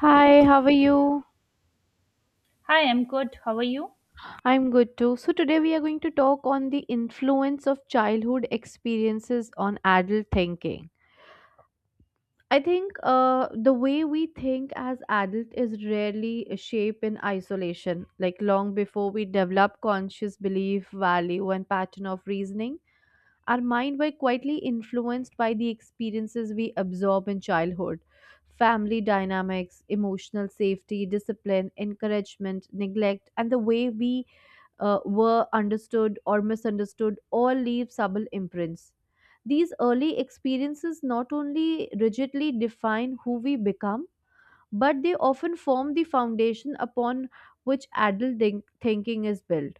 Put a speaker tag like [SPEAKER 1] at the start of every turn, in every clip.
[SPEAKER 1] Hi, how are you?
[SPEAKER 2] Hi, I'm good. How are you?
[SPEAKER 1] I'm good too. So today we are going to talk on the influence of childhood experiences on adult thinking. I think the way we think as adult is rarely shaped in isolation, like long before we develop conscious belief, value, and pattern of reasoning. Our mind were quietly influenced by the experiences we absorb in childhood. Family dynamics, emotional safety, discipline, encouragement, neglect, and the way we were understood or misunderstood all leave subtle imprints. These early experiences not only rigidly define who we become, but they often form the foundation upon which adult thinking is built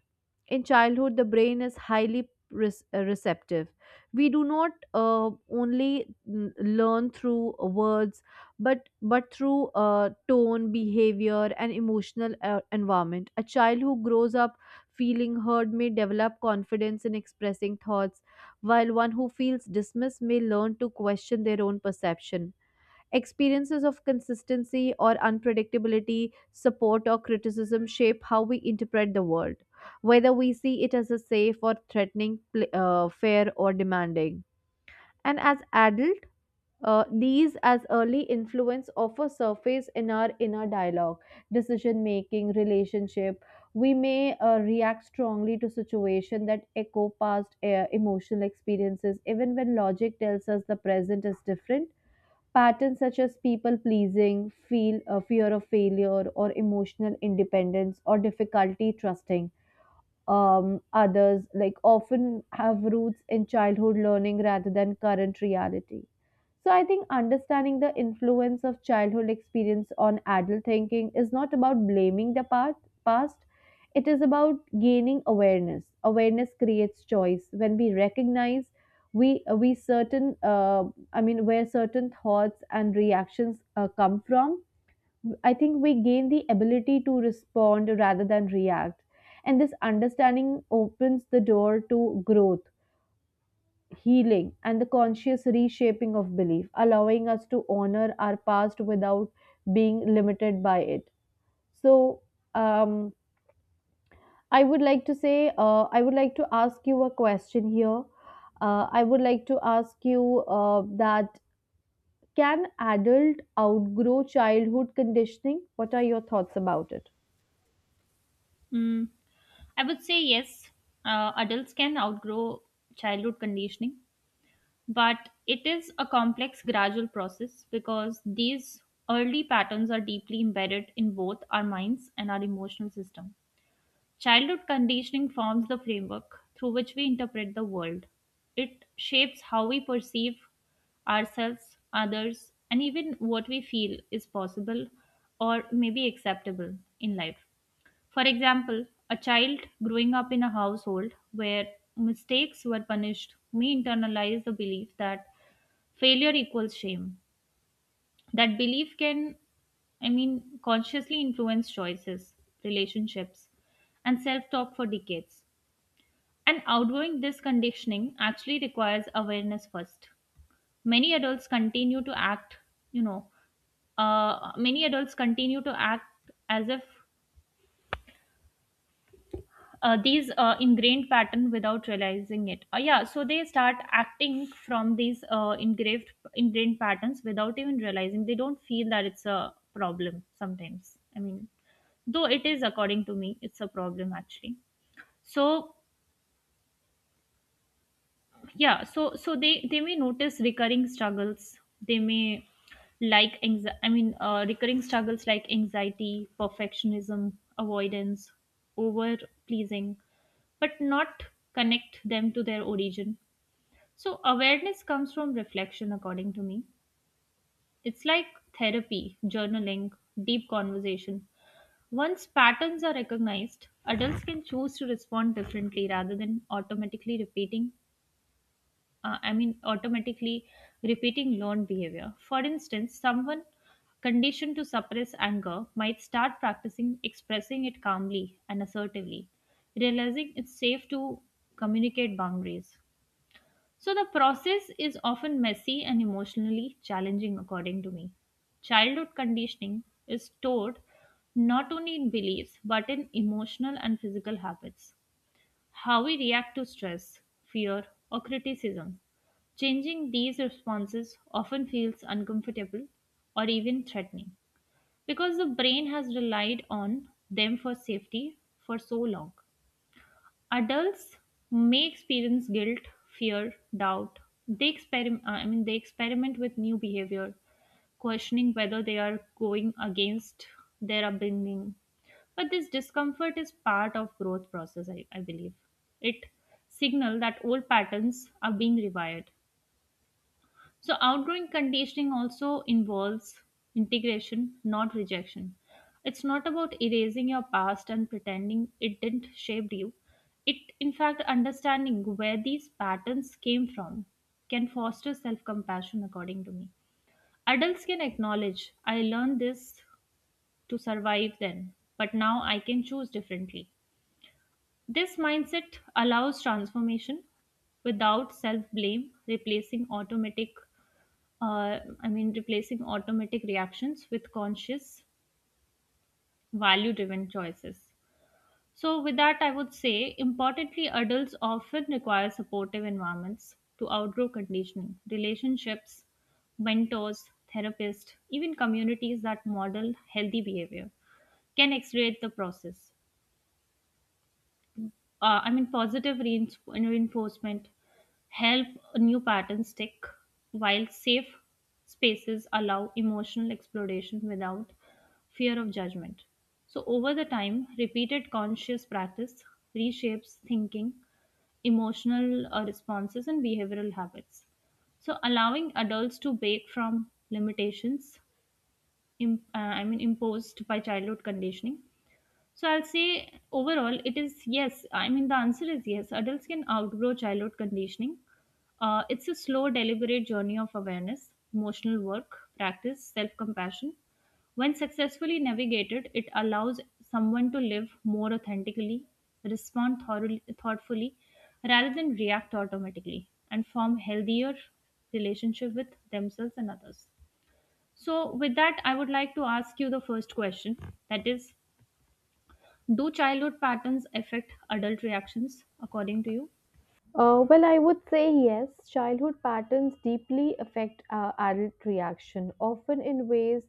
[SPEAKER 1] in childhood. The brain is highly receptive. We do not only learn through words, but through tone, behavior, and emotional environment. A child who grows up feeling heard may develop confidence in expressing thoughts, while one who feels dismissed may learn to question their own perception. Experiences of consistency or unpredictability, support or criticism shape how we interpret the world, whether we see it as a safe or threatening, fair or demanding. And as adult, these as early influence often surface in our inner dialogue, decision making, relationship. We may react strongly to situation that echo past emotional experiences, even when logic tells us the present is different. Patterns such as people pleasing, feel a fear of failure, or emotional independence, or difficulty trusting others like often have roots in childhood learning rather than current reality. So I think understanding the influence of childhood experience on adult thinking is not about blaming the part, past. It is about gaining awareness. Awareness creates choice. When we recognize we certain I mean where certain thoughts and reactions come from, I think we gain the ability to respond rather than react. And this understanding opens the door to growth, healing, and the conscious reshaping of belief, allowing us to honor our past without being limited by it. So, um, I would like to say, I would like to ask you a question here. I would like to ask you that can adult outgrow childhood conditioning? What are your thoughts about it?
[SPEAKER 2] Mm, I would say yes, adults can outgrow childhood conditioning, but it is a complex, gradual process because these early patterns are deeply embedded in both our minds and our emotional system. Childhood conditioning forms the framework through which we interpret the world. It shapes how we perceive ourselves, others, and even what we feel is possible or maybe acceptable in life. For example, a child growing up in a household where mistakes were punished may internalize the belief that failure equals shame. That belief can, I mean, consciously influence choices, relationships, and self talk for decades. And outgrowing this conditioning actually requires awareness first. Many adults continue to act, you know, Many adults continue to act as if these ingrained pattern without realizing it. Yeah, so they start acting from these engraved ingrained patterns without even realizing. They don't feel that it's a problem sometimes. I mean, though it is, according to me, it's a problem actually. So yeah, they may notice recurring struggles. They may, I mean, recurring struggles like anxiety, perfectionism, avoidance, over pleasing, but not connect them to their origin. So awareness comes from reflection, according to me. It's like therapy, journaling, deep conversation. Once patterns are recognized, adults can choose to respond differently rather than automatically repeating, I mean, automatically repeating learned behavior. For instance, someone conditioned to suppress anger might start practicing expressing it calmly and assertively, realizing it's safe to communicate boundaries. So, the process is often messy and emotionally challenging, according to me. Childhood conditioning is stored not only in beliefs but in emotional and physical habits, how we react to stress, fear, or criticism. Changing these responses often feels uncomfortable or even threatening because the brain has relied on them for safety for so long. Adults may experience guilt, fear, doubt. They experiment i mean they experiment with new behavior, questioning whether they are going against their upbringing, but this discomfort is part of growth process, I believe. It signal that old patterns are being rewired. So, outgoing conditioning also involves integration, not rejection. It's not about erasing your past and pretending it didn't shape you. It, in fact, understanding where these patterns came from can foster self compassion, according to me. Adults can acknowledge, I learned this to survive then, but now I can choose differently. This mindset allows transformation without self blame, replacing automatic, I mean, replacing automatic reactions with conscious, value driven choices. So, with that, I would say importantly, adults often require supportive environments to outgrow conditioning: relationships, mentors, therapists, even communities that model healthy behavior can accelerate the process. I mean, positive reinforcement help new patterns stick, while safe spaces allow emotional exploration without fear of judgment. So, over the time, repeated conscious practice reshapes thinking, emotional responses, and behavioral habits. So, allowing adults to break from limitations, I mean, imposed by childhood conditioning. So I'll say overall, it is yes. I mean, the answer is yes. Adults can outgrow childhood conditioning. It's a slow, deliberate journey of awareness, emotional work, practice, self compassion. When successfully navigated, it allows someone to live more authentically, respond thoroughly, thoughtfully, rather than react automatically, and form healthier relationship with themselves and others. So, with that, I would like to ask you the first question, that is, do childhood patterns affect adult reactions, according to you?
[SPEAKER 1] Well, I would say yes. Childhood patterns deeply affect our adult reaction, often in ways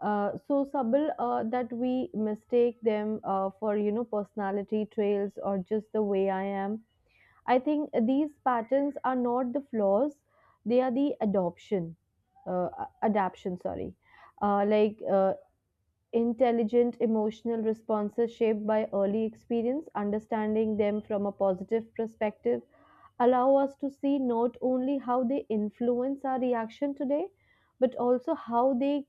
[SPEAKER 1] so subtle that we mistake them for, you know, personality traits or just the way I am. I think these patterns are not the flaws; they are the adoption, uh, adaption. Sorry, uh, like uh, intelligent emotional responses shaped by early experience, understanding them from a positive perspective allow us to see not only how they influence our reaction today, but also how they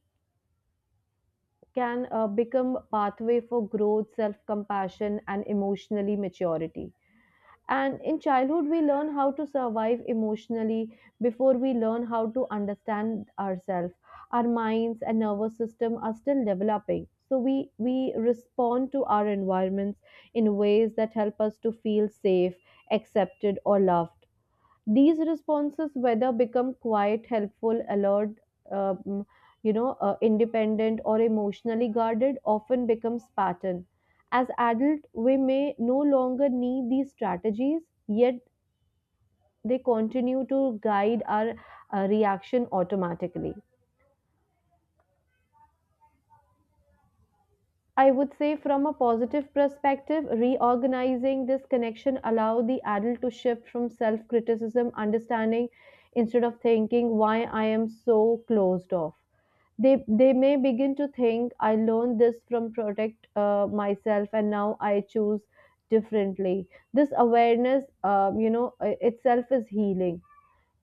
[SPEAKER 1] can become pathway for growth, self-compassion, and emotionally maturity. And in childhood, we learn how to survive emotionally before we learn how to understand ourselves. Our minds and nervous system are still developing. So we respond to our environments in ways that help us to feel safe, accepted, or loved. These responses, whether become quiet, helpful, alert, um, independent, or emotionally guarded, often becomes pattern. As adult, we may no longer need these strategies, yet they continue to guide our reaction automatically. I would say from a positive perspective, reorganizing this connection allow the adult to shift from self-criticism, understanding instead of thinking why I am so closed off. They may begin to think I learned this from protect myself and now I choose differently. This awareness, itself is healing.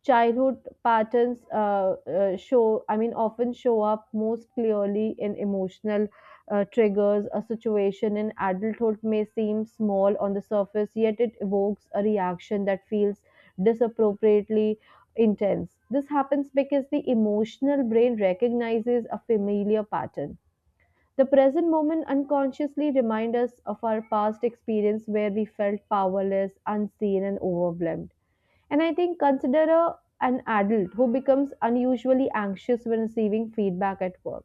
[SPEAKER 1] Childhood patterns show I mean often show up most clearly in emotional triggers. A situation in adulthood may seem small on the surface, yet it evokes a reaction that feels disappropriately intense. This happens because the emotional brain recognizes a familiar pattern. The present moment unconsciously reminds us of our past experience where we felt powerless, unseen, and overwhelmed. And I think consider a, an adult who becomes unusually anxious when receiving feedback at work.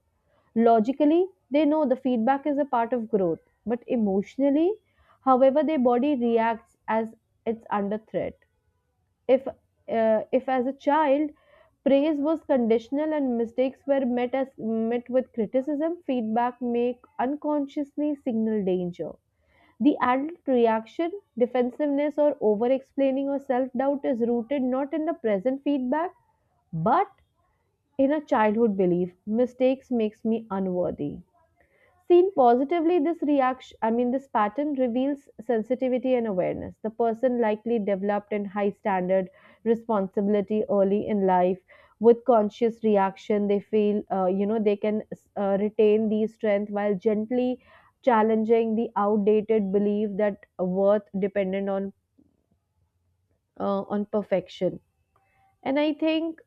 [SPEAKER 1] Logically, they know the feedback is a part of growth, but emotionally, however, their body reacts as it's under threat. If as a child, praise was conditional and mistakes were met as met with criticism, feedback may unconsciously signal danger. The adult reaction, defensiveness, or over explaining or self doubt is rooted not in the present feedback but in a childhood belief mistakes makes me unworthy. Seen positively, this reaction, I mean, this pattern reveals sensitivity and awareness. The person likely developed in high standard responsibility early in life. With conscious reaction, they feel, they can retain these strength while gently challenging the outdated belief that worth dependent on perfection. And I think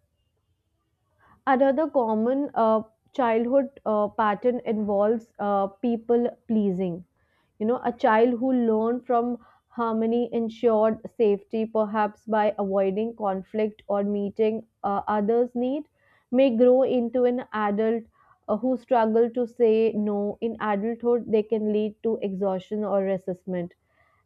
[SPEAKER 1] another common childhood pattern involves people pleasing. You know, a child who learned from harmony ensured safety, perhaps by avoiding conflict or meeting others need, may grow into an adult who struggle to say no. In adulthood they can lead to exhaustion or resentment,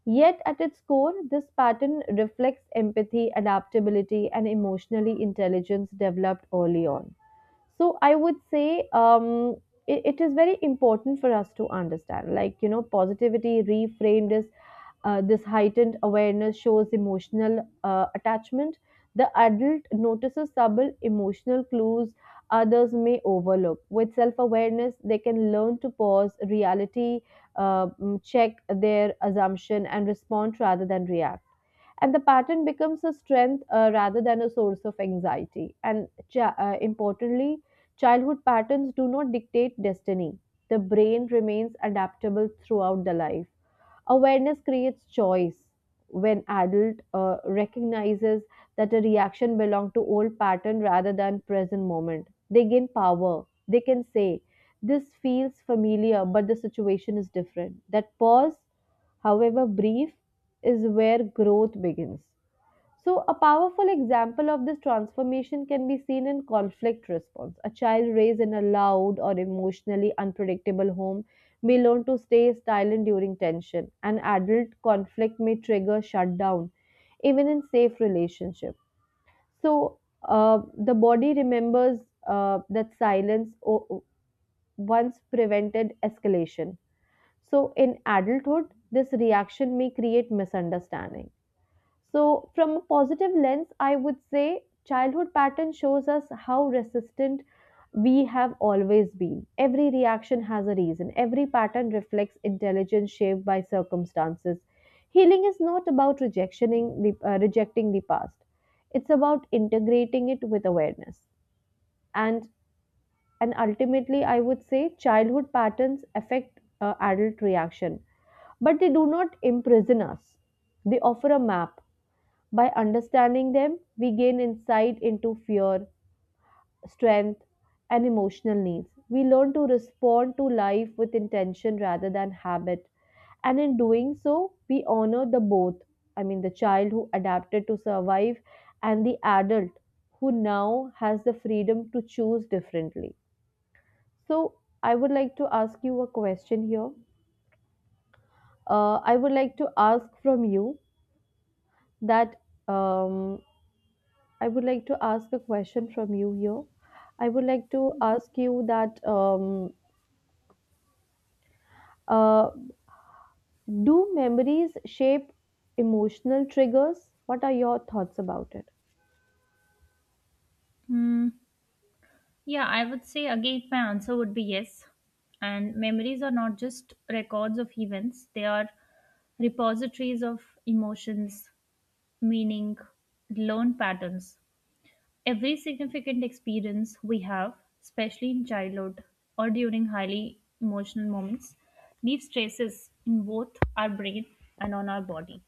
[SPEAKER 1] yet at its core this pattern reflects empathy, adaptability, and emotionally intelligence developed early on. So I would say it is very important for us to understand. Like, you know, positivity reframed is this heightened awareness shows emotional attachment. The adult notices subtle emotional clues others may overlook. With self awareness, they can learn to pause reality, check their assumption, and respond rather than react. And the pattern becomes a strength rather than a source of anxiety. And importantly, childhood patterns do not dictate destiny. The brain remains adaptable throughout the life. Awareness creates choice. When adult recognizes that a reaction belongs to old pattern rather than present moment, they gain power. They can say, "This feels familiar, but the situation is different." That pause, however brief, is where growth begins. So, a powerful example of this transformation can be seen in conflict response. A child raised in a loud or emotionally unpredictable home may learn to stay silent during tension. An adult conflict may trigger shutdown, even in safe relationships. So, the body remembers that silence once prevented escalation. So, in adulthood, this reaction may create misunderstanding. So, from a positive lens, I would say childhood pattern shows us how resistant we have always been. Every reaction has a reason. Every pattern reflects intelligence shaped by circumstances. Healing is not about rejecting the past. It's about integrating it with awareness. And ultimately, I would say childhood patterns affect adult reaction, but they do not imprison us. They offer a map. By understanding them, we gain insight into fear, strength, and emotional needs. We learn to respond to life with intention rather than habit. And in doing so, we honor the both. I mean, the child who adapted to survive and the adult who now has the freedom to choose differently. So, I would like to ask you a question here. I would like to ask from you that um, I would like to ask a question from you here. I would like to ask you that uh, do memories shape emotional triggers? What are your thoughts about it?
[SPEAKER 2] Hmm. Yeah, I would say, again, my answer would be yes. And memories are not just records of events, they are repositories of emotions, meaning, learned patterns. Every significant experience we have, especially in childhood or during highly emotional moments, leaves traces in both our brain and on our body.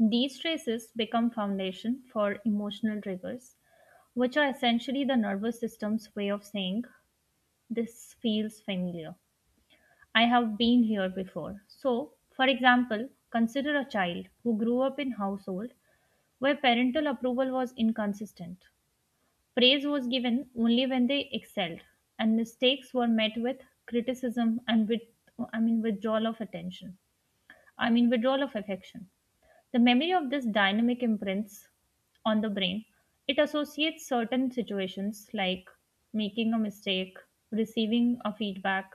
[SPEAKER 2] These traces become foundation for emotional triggers, which are essentially the nervous system's way of saying, this feels familiar, I have been here before. So, for example, consider a child who grew up in a household where parental approval was inconsistent. Praise was given only when they excelled, and mistakes were met with criticism and with, I mean, withdrawal of attention, I mean withdrawal of affection. The memory of this dynamic imprints on the brain. It associates certain situations, like making a mistake, receiving a feedback,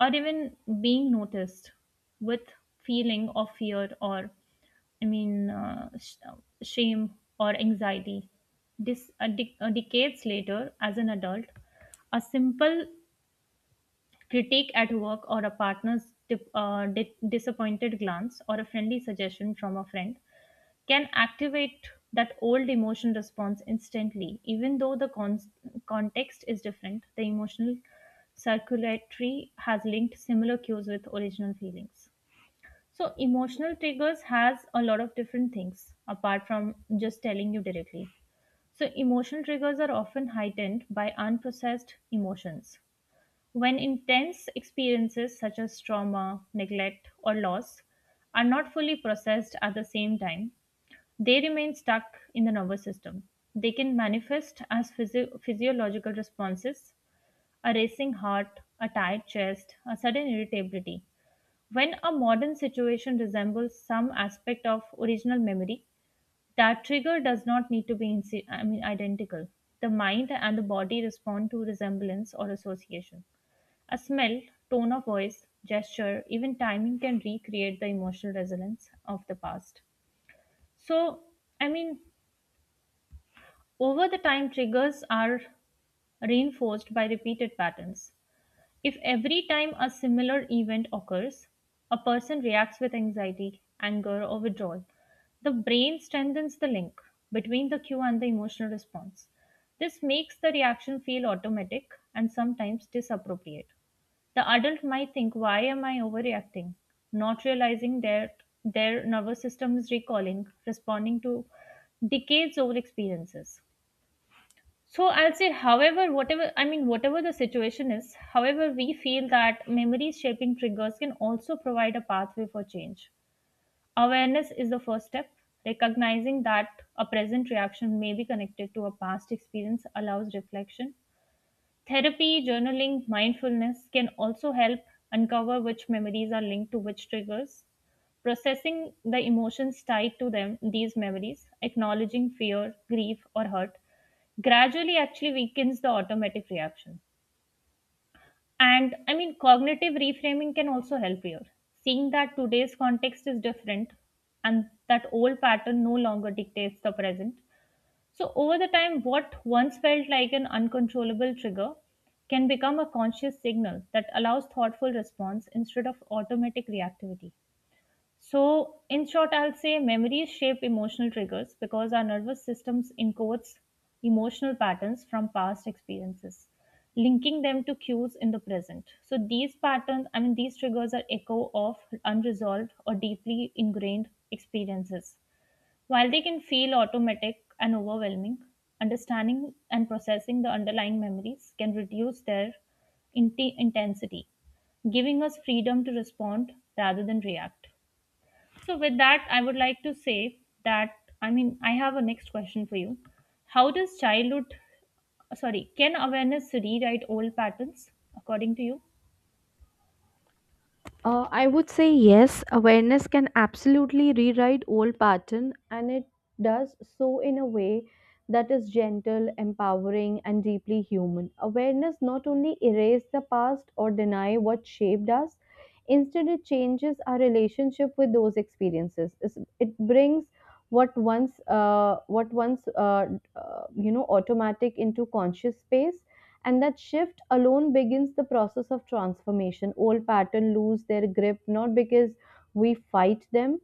[SPEAKER 2] or even being noticed, with feeling of fear or, I mean, shame or anxiety. This decades later, as an adult, a simple critique at work, or a partner's disappointed glance, or a friendly suggestion from a friend can activate that old emotion response instantly. Even though the context is different, the emotional circulatory has linked similar cues with original feelings. So, emotional triggers has a lot of different things apart from just telling you directly. So, emotional triggers are often heightened by unprocessed emotions. When intense experiences such as trauma, neglect, or loss are not fully processed at the same time, they remain stuck in the nervous system. They can manifest as physiological responses: a racing heart, a tight chest, a sudden irritability. When a modern situation resembles some aspect of original memory, that trigger does not need to be I mean, identical. The mind and the body respond to resemblance or association. A smell, tone of voice, gesture, even timing can recreate the emotional resonance of the past. So, I mean, over the time triggers are reinforced by repeated patterns. If every time a similar event occurs, a person reacts with anxiety, anger, or withdrawal, the brain strengthens the link between the cue and the emotional response. This makes the reaction feel automatic and sometimes disappropriate. The adult might think, why am I overreacting, not realizing that their nervous system is recalling, responding to decades old experiences. So I'll say, however, whatever I mean, whatever the situation is, however, we feel that memory shaping triggers can also provide a pathway for change. Awareness is the first step. Recognizing that a present reaction may be connected to a past experience allows reflection. Therapy, journaling, mindfulness can also help uncover which memories are linked to which triggers. Processing the emotions tied to them, these memories, acknowledging fear, grief, or hurt, gradually actually weakens the automatic reaction. And, I mean, cognitive reframing can also help here. Seeing that today's context is different and that old pattern no longer dictates the present. So, over the time, what once felt like an uncontrollable trigger can become a conscious signal that allows thoughtful response instead of automatic reactivity. So, in short, I'll say memories shape emotional triggers because our nervous systems encodes emotional patterns from past experiences, linking them to cues in the present. So, these patterns, I mean, these triggers are echo of unresolved or deeply ingrained experiences. While they can feel automatic and overwhelming, understanding and processing the underlying memories can reduce their intensity, giving us freedom to respond rather than react. So, with that, I would like to say that, I mean, I have a next question for you. How does childhood, Sorry, can awareness rewrite old patterns, according to you?
[SPEAKER 1] I would say yes, awareness can absolutely rewrite old pattern, and it does so in a way that is gentle, empowering, and deeply human. Awareness not only erase the past or deny what shaped us, instead it changes our relationship with those experiences. It brings what once you know automatic into conscious space, and that shift alone begins the process of transformation. Old patterns lose their grip not because we fight them,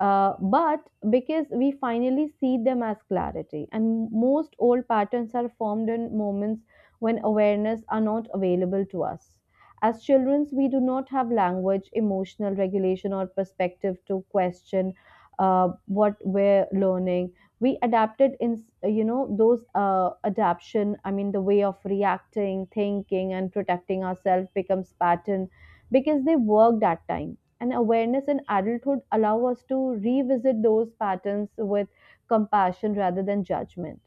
[SPEAKER 1] but because we finally see them as clarity. And most old patterns are formed in moments when awareness are not available to us. As children, we do not have language, emotional regulation, or perspective to question what we're learning. We adapted in, you know, those adaption. I mean, the way of reacting, thinking, and protecting ourselves becomes pattern because they worked that time. And awareness in adulthood allow us to revisit those patterns with compassion rather than judgment.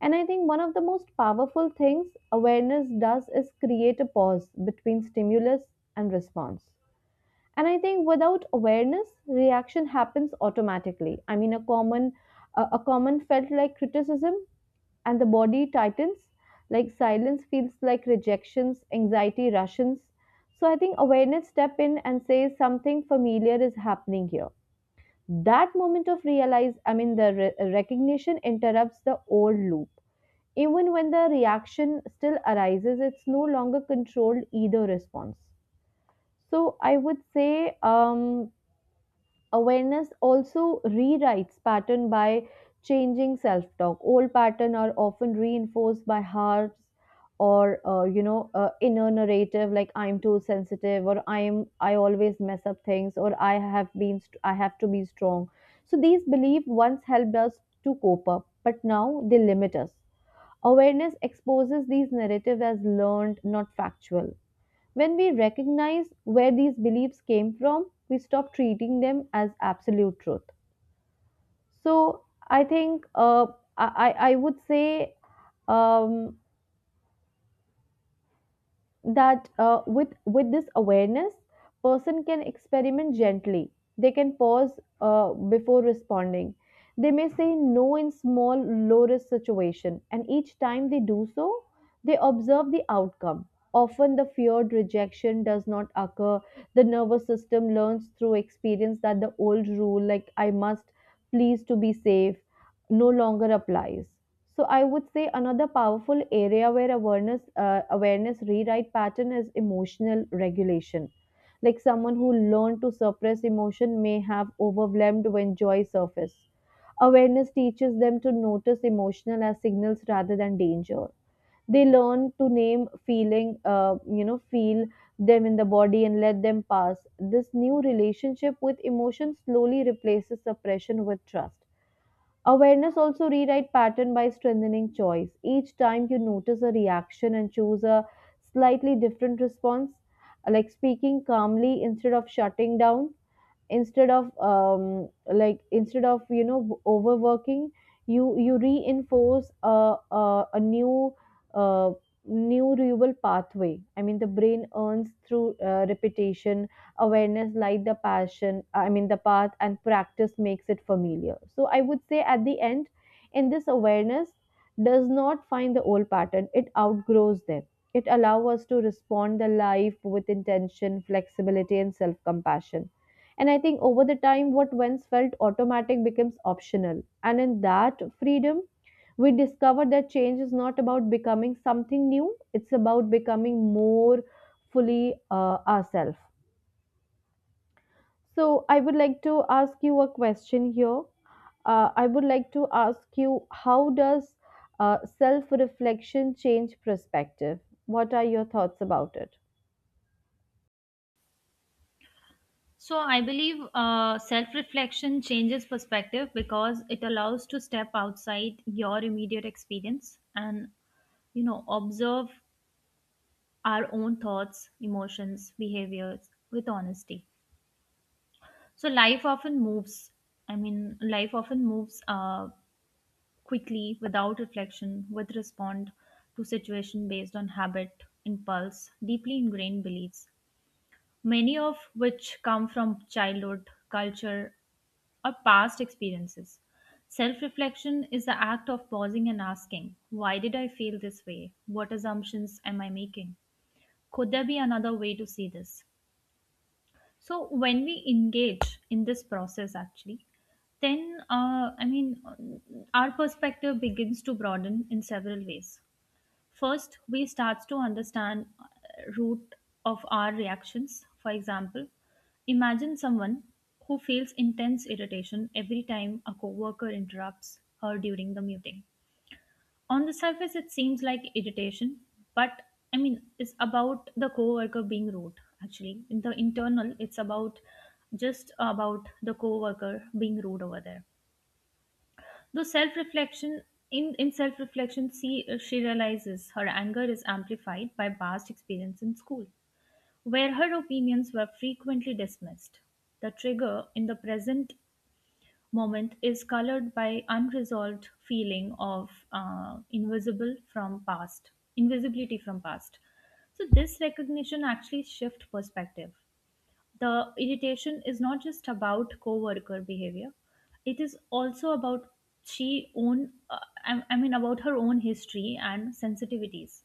[SPEAKER 1] And I think one of the most powerful things awareness does is create a pause between stimulus and response. And I think without awareness reaction happens automatically. I mean, a common felt like criticism and the body tightens, like silence feels like rejections, anxiety rushes. So I think awareness step in and says something familiar is happening here. That moment of realize i mean the re- recognition interrupts the old loop. Even when the reaction still arises, it's no longer controlled either response. So I would say awareness also rewrites pattern by changing self-talk. Old pattern are often reinforced by harps or inner narrative like I'm too sensitive or I always mess up things or I have to be strong. So these beliefs once helped us to cope up, but now they limit us. Awareness exposes these narratives as learned, not factual. When we recognize where these beliefs came from, we stop treating them as absolute truth. So I think I, I would say um, that with this awareness, person can experiment gently. They can pause before responding. They may say no in small, low risk situation, and each time they do so, they observe the outcome. Often the feared rejection does not occur. The nervous system learns through experience that the old rule like I must please to be safe no longer applies. So I would say another powerful area where awareness rewrite pattern is emotional regulation. Like someone who learned to suppress emotion may have overwhelmed when joy surface. Awareness teaches them to notice emotional as signals rather than danger. They learn to name feeling, feel them in the body and let them pass. This new relationship with emotion slowly replaces suppression with trust. Awareness also rewrite pattern by strengthening choice. Each time you notice a reaction and choose a slightly different response, like speaking calmly instead of shutting down, instead of you know overworking, you reinforce a new uh, new neural pathway. I mean, the brain earns through repetition. Awareness like the passion i mean the path and practice makes it familiar. So I would say at the end, in this awareness does not find the old pattern, it outgrows them. It allows us to respond the life with intention, flexibility, and self compassion. And I think over the time, what once felt automatic becomes optional. And in that freedom, we discover that change is not about becoming something new, it's about becoming more fully ourselves. So, I would like to ask you a question here. I would like to ask you how does self reflection change perspective? What are your thoughts about it?
[SPEAKER 2] So I believe self-reflection changes perspective because it allows to step outside your immediate experience and, you know, observe our own thoughts, emotions, behaviors with honesty. So life often moves. I mean, life often moves quickly without reflection. With respond to situation based on habit, impulse, deeply ingrained beliefs, many of which come from childhood culture or past experiences. Self reflection is the act of pausing and asking, why did I feel this way? What assumptions am I making? Could there be another way to see this? So, when we engage in this process, actually, then I mean, our perspective begins to broaden in several ways. First, we starts to understand root of our reactions. For example, imagine someone who feels intense irritation every time a coworker interrupts her during the meeting. On the surface, it seems like irritation, but, I mean, it's about the coworker being rude. Actually, in the internal, it's about just about the coworker being rude over there. Though self-reflection, in self-reflection, she realizes her anger is amplified by past experience in school, where her opinions were frequently dismissed. The trigger in the present moment is colored by unresolved feeling of invisible from past, invisibility from past. So this recognition actually shift perspective. The irritation is not just about co-worker behavior, it is also about she own uh, I mean about her own history and sensitivities.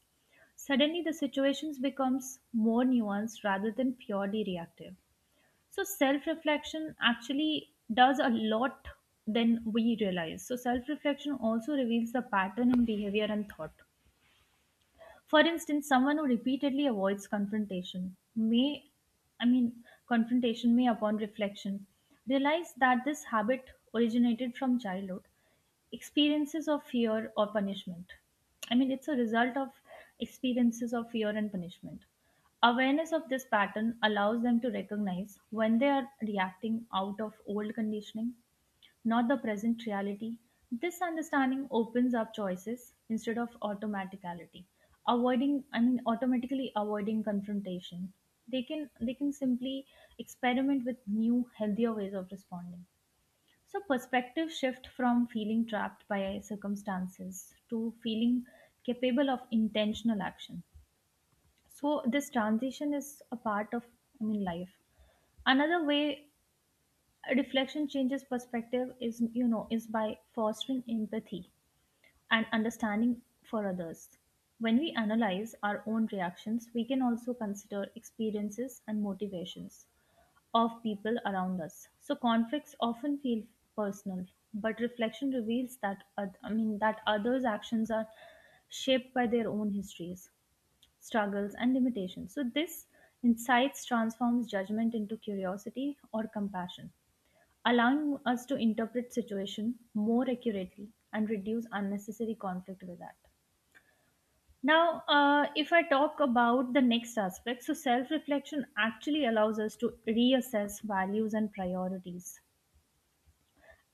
[SPEAKER 2] Suddenly the situations becomes more nuanced rather than purely reactive. So self reflection actually does a lot than we realize. So self reflection also reveals the pattern in behavior and thought. For instance, someone who repeatedly avoids I mean, confrontation may, upon reflection, realize that this habit originated from childhood experiences of fear or punishment. I mean, it's a result of experiences of fear and punishment. Awareness of this pattern allows them to recognize when they are reacting out of old conditioning, not the present reality. This understanding opens up choices instead of automaticality, avoiding I mean automatically avoiding confrontation. They can simply experiment with new, healthier ways of responding. So perspective shift from feeling trapped by circumstances to feeling capable of intentional action. So this transition is a part of life. Another way reflection changes perspective is you know is by fostering empathy and understanding for others. When we analyze our own reactions, we can also consider experiences and motivations of people around us. So conflicts often feel personal, but reflection reveals that others actions are shaped by their own histories, struggles and limitations. So this insights transforms judgment into curiosity or compassion, allowing us to interpret situation more accurately and reduce unnecessary conflict. With that, now, if I talk about the next aspect, so self reflection actually allows us to reassess values and priorities,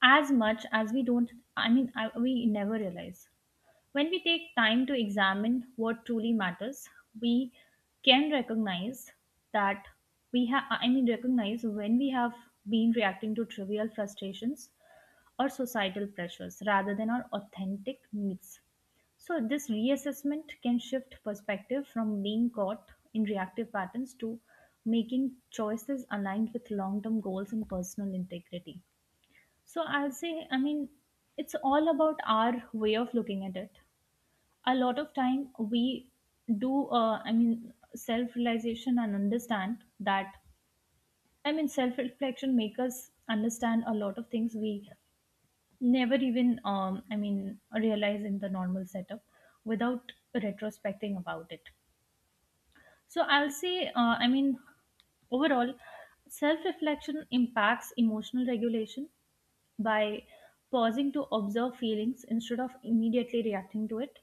[SPEAKER 2] as much as we don't we never realize. When we take time to examine what truly matters, we can recognize that we have I mean recognize when we have been reacting to trivial frustrations or societal pressures rather than our authentic needs. So this reassessment can shift perspective from being caught in reactive patterns to making choices aligned with long term goals and personal integrity. So, I'll say, I mean, it's all about our way of looking at it. A lot of time we do, I mean, self realization, and understand that, I mean, self reflection make us understand a lot of things we never even realize in the normal setup without retrospecting about it. So I'll say, I mean, overall, self reflection impacts emotional regulation by pausing to observe feelings instead of immediately reacting to it.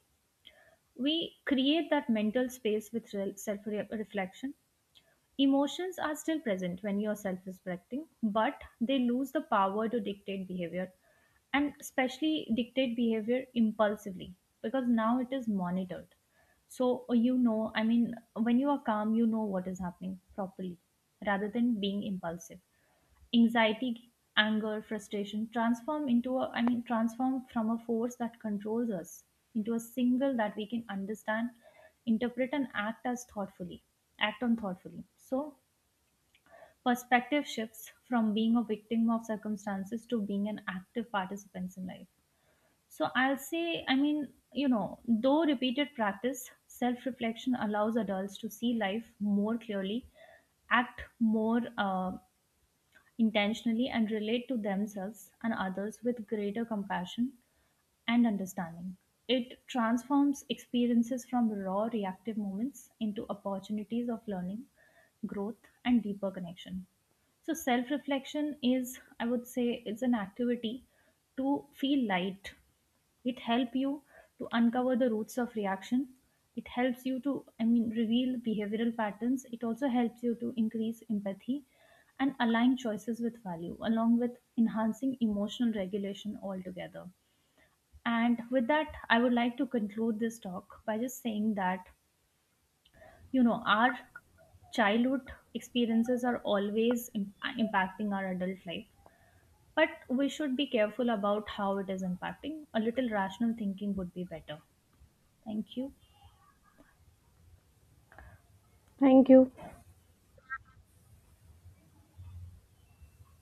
[SPEAKER 2] We create that mental space with self reflection. Emotions are still present when you're self respecting, but they lose the power to dictate behavior, and especially dictate behavior impulsively, because now it is monitored. So you know, I mean, when you are calm, you know what is happening properly, rather than being impulsive. Anxiety, anger, frustration transform into transform from a force that controls us into a single that we can understand, interpret, and act on thoughtfully. So perspective shifts from being a victim of circumstances to being an active participant in life. So I'll say, I mean, you know, though repeated practice, self reflection allows adults to see life more clearly, act more intentionally, and relate to themselves and others with greater compassion and understanding. It transforms experiences from raw reactive moments into opportunities of learning, growth, and deeper connection. So self reflection is, I would say, it's an activity to feel light. It helps you to uncover the roots of reaction. It helps you to, I mean, reveal behavioral patterns. It also helps you to increase empathy and align choices with value, along with enhancing emotional regulation altogether. And with that, I would like to conclude this talk by just saying that, you know, our childhood experiences are always impacting our adult life. But we should be careful about how it is impacting. A little rational thinking would be better. Thank you.
[SPEAKER 1] Thank you.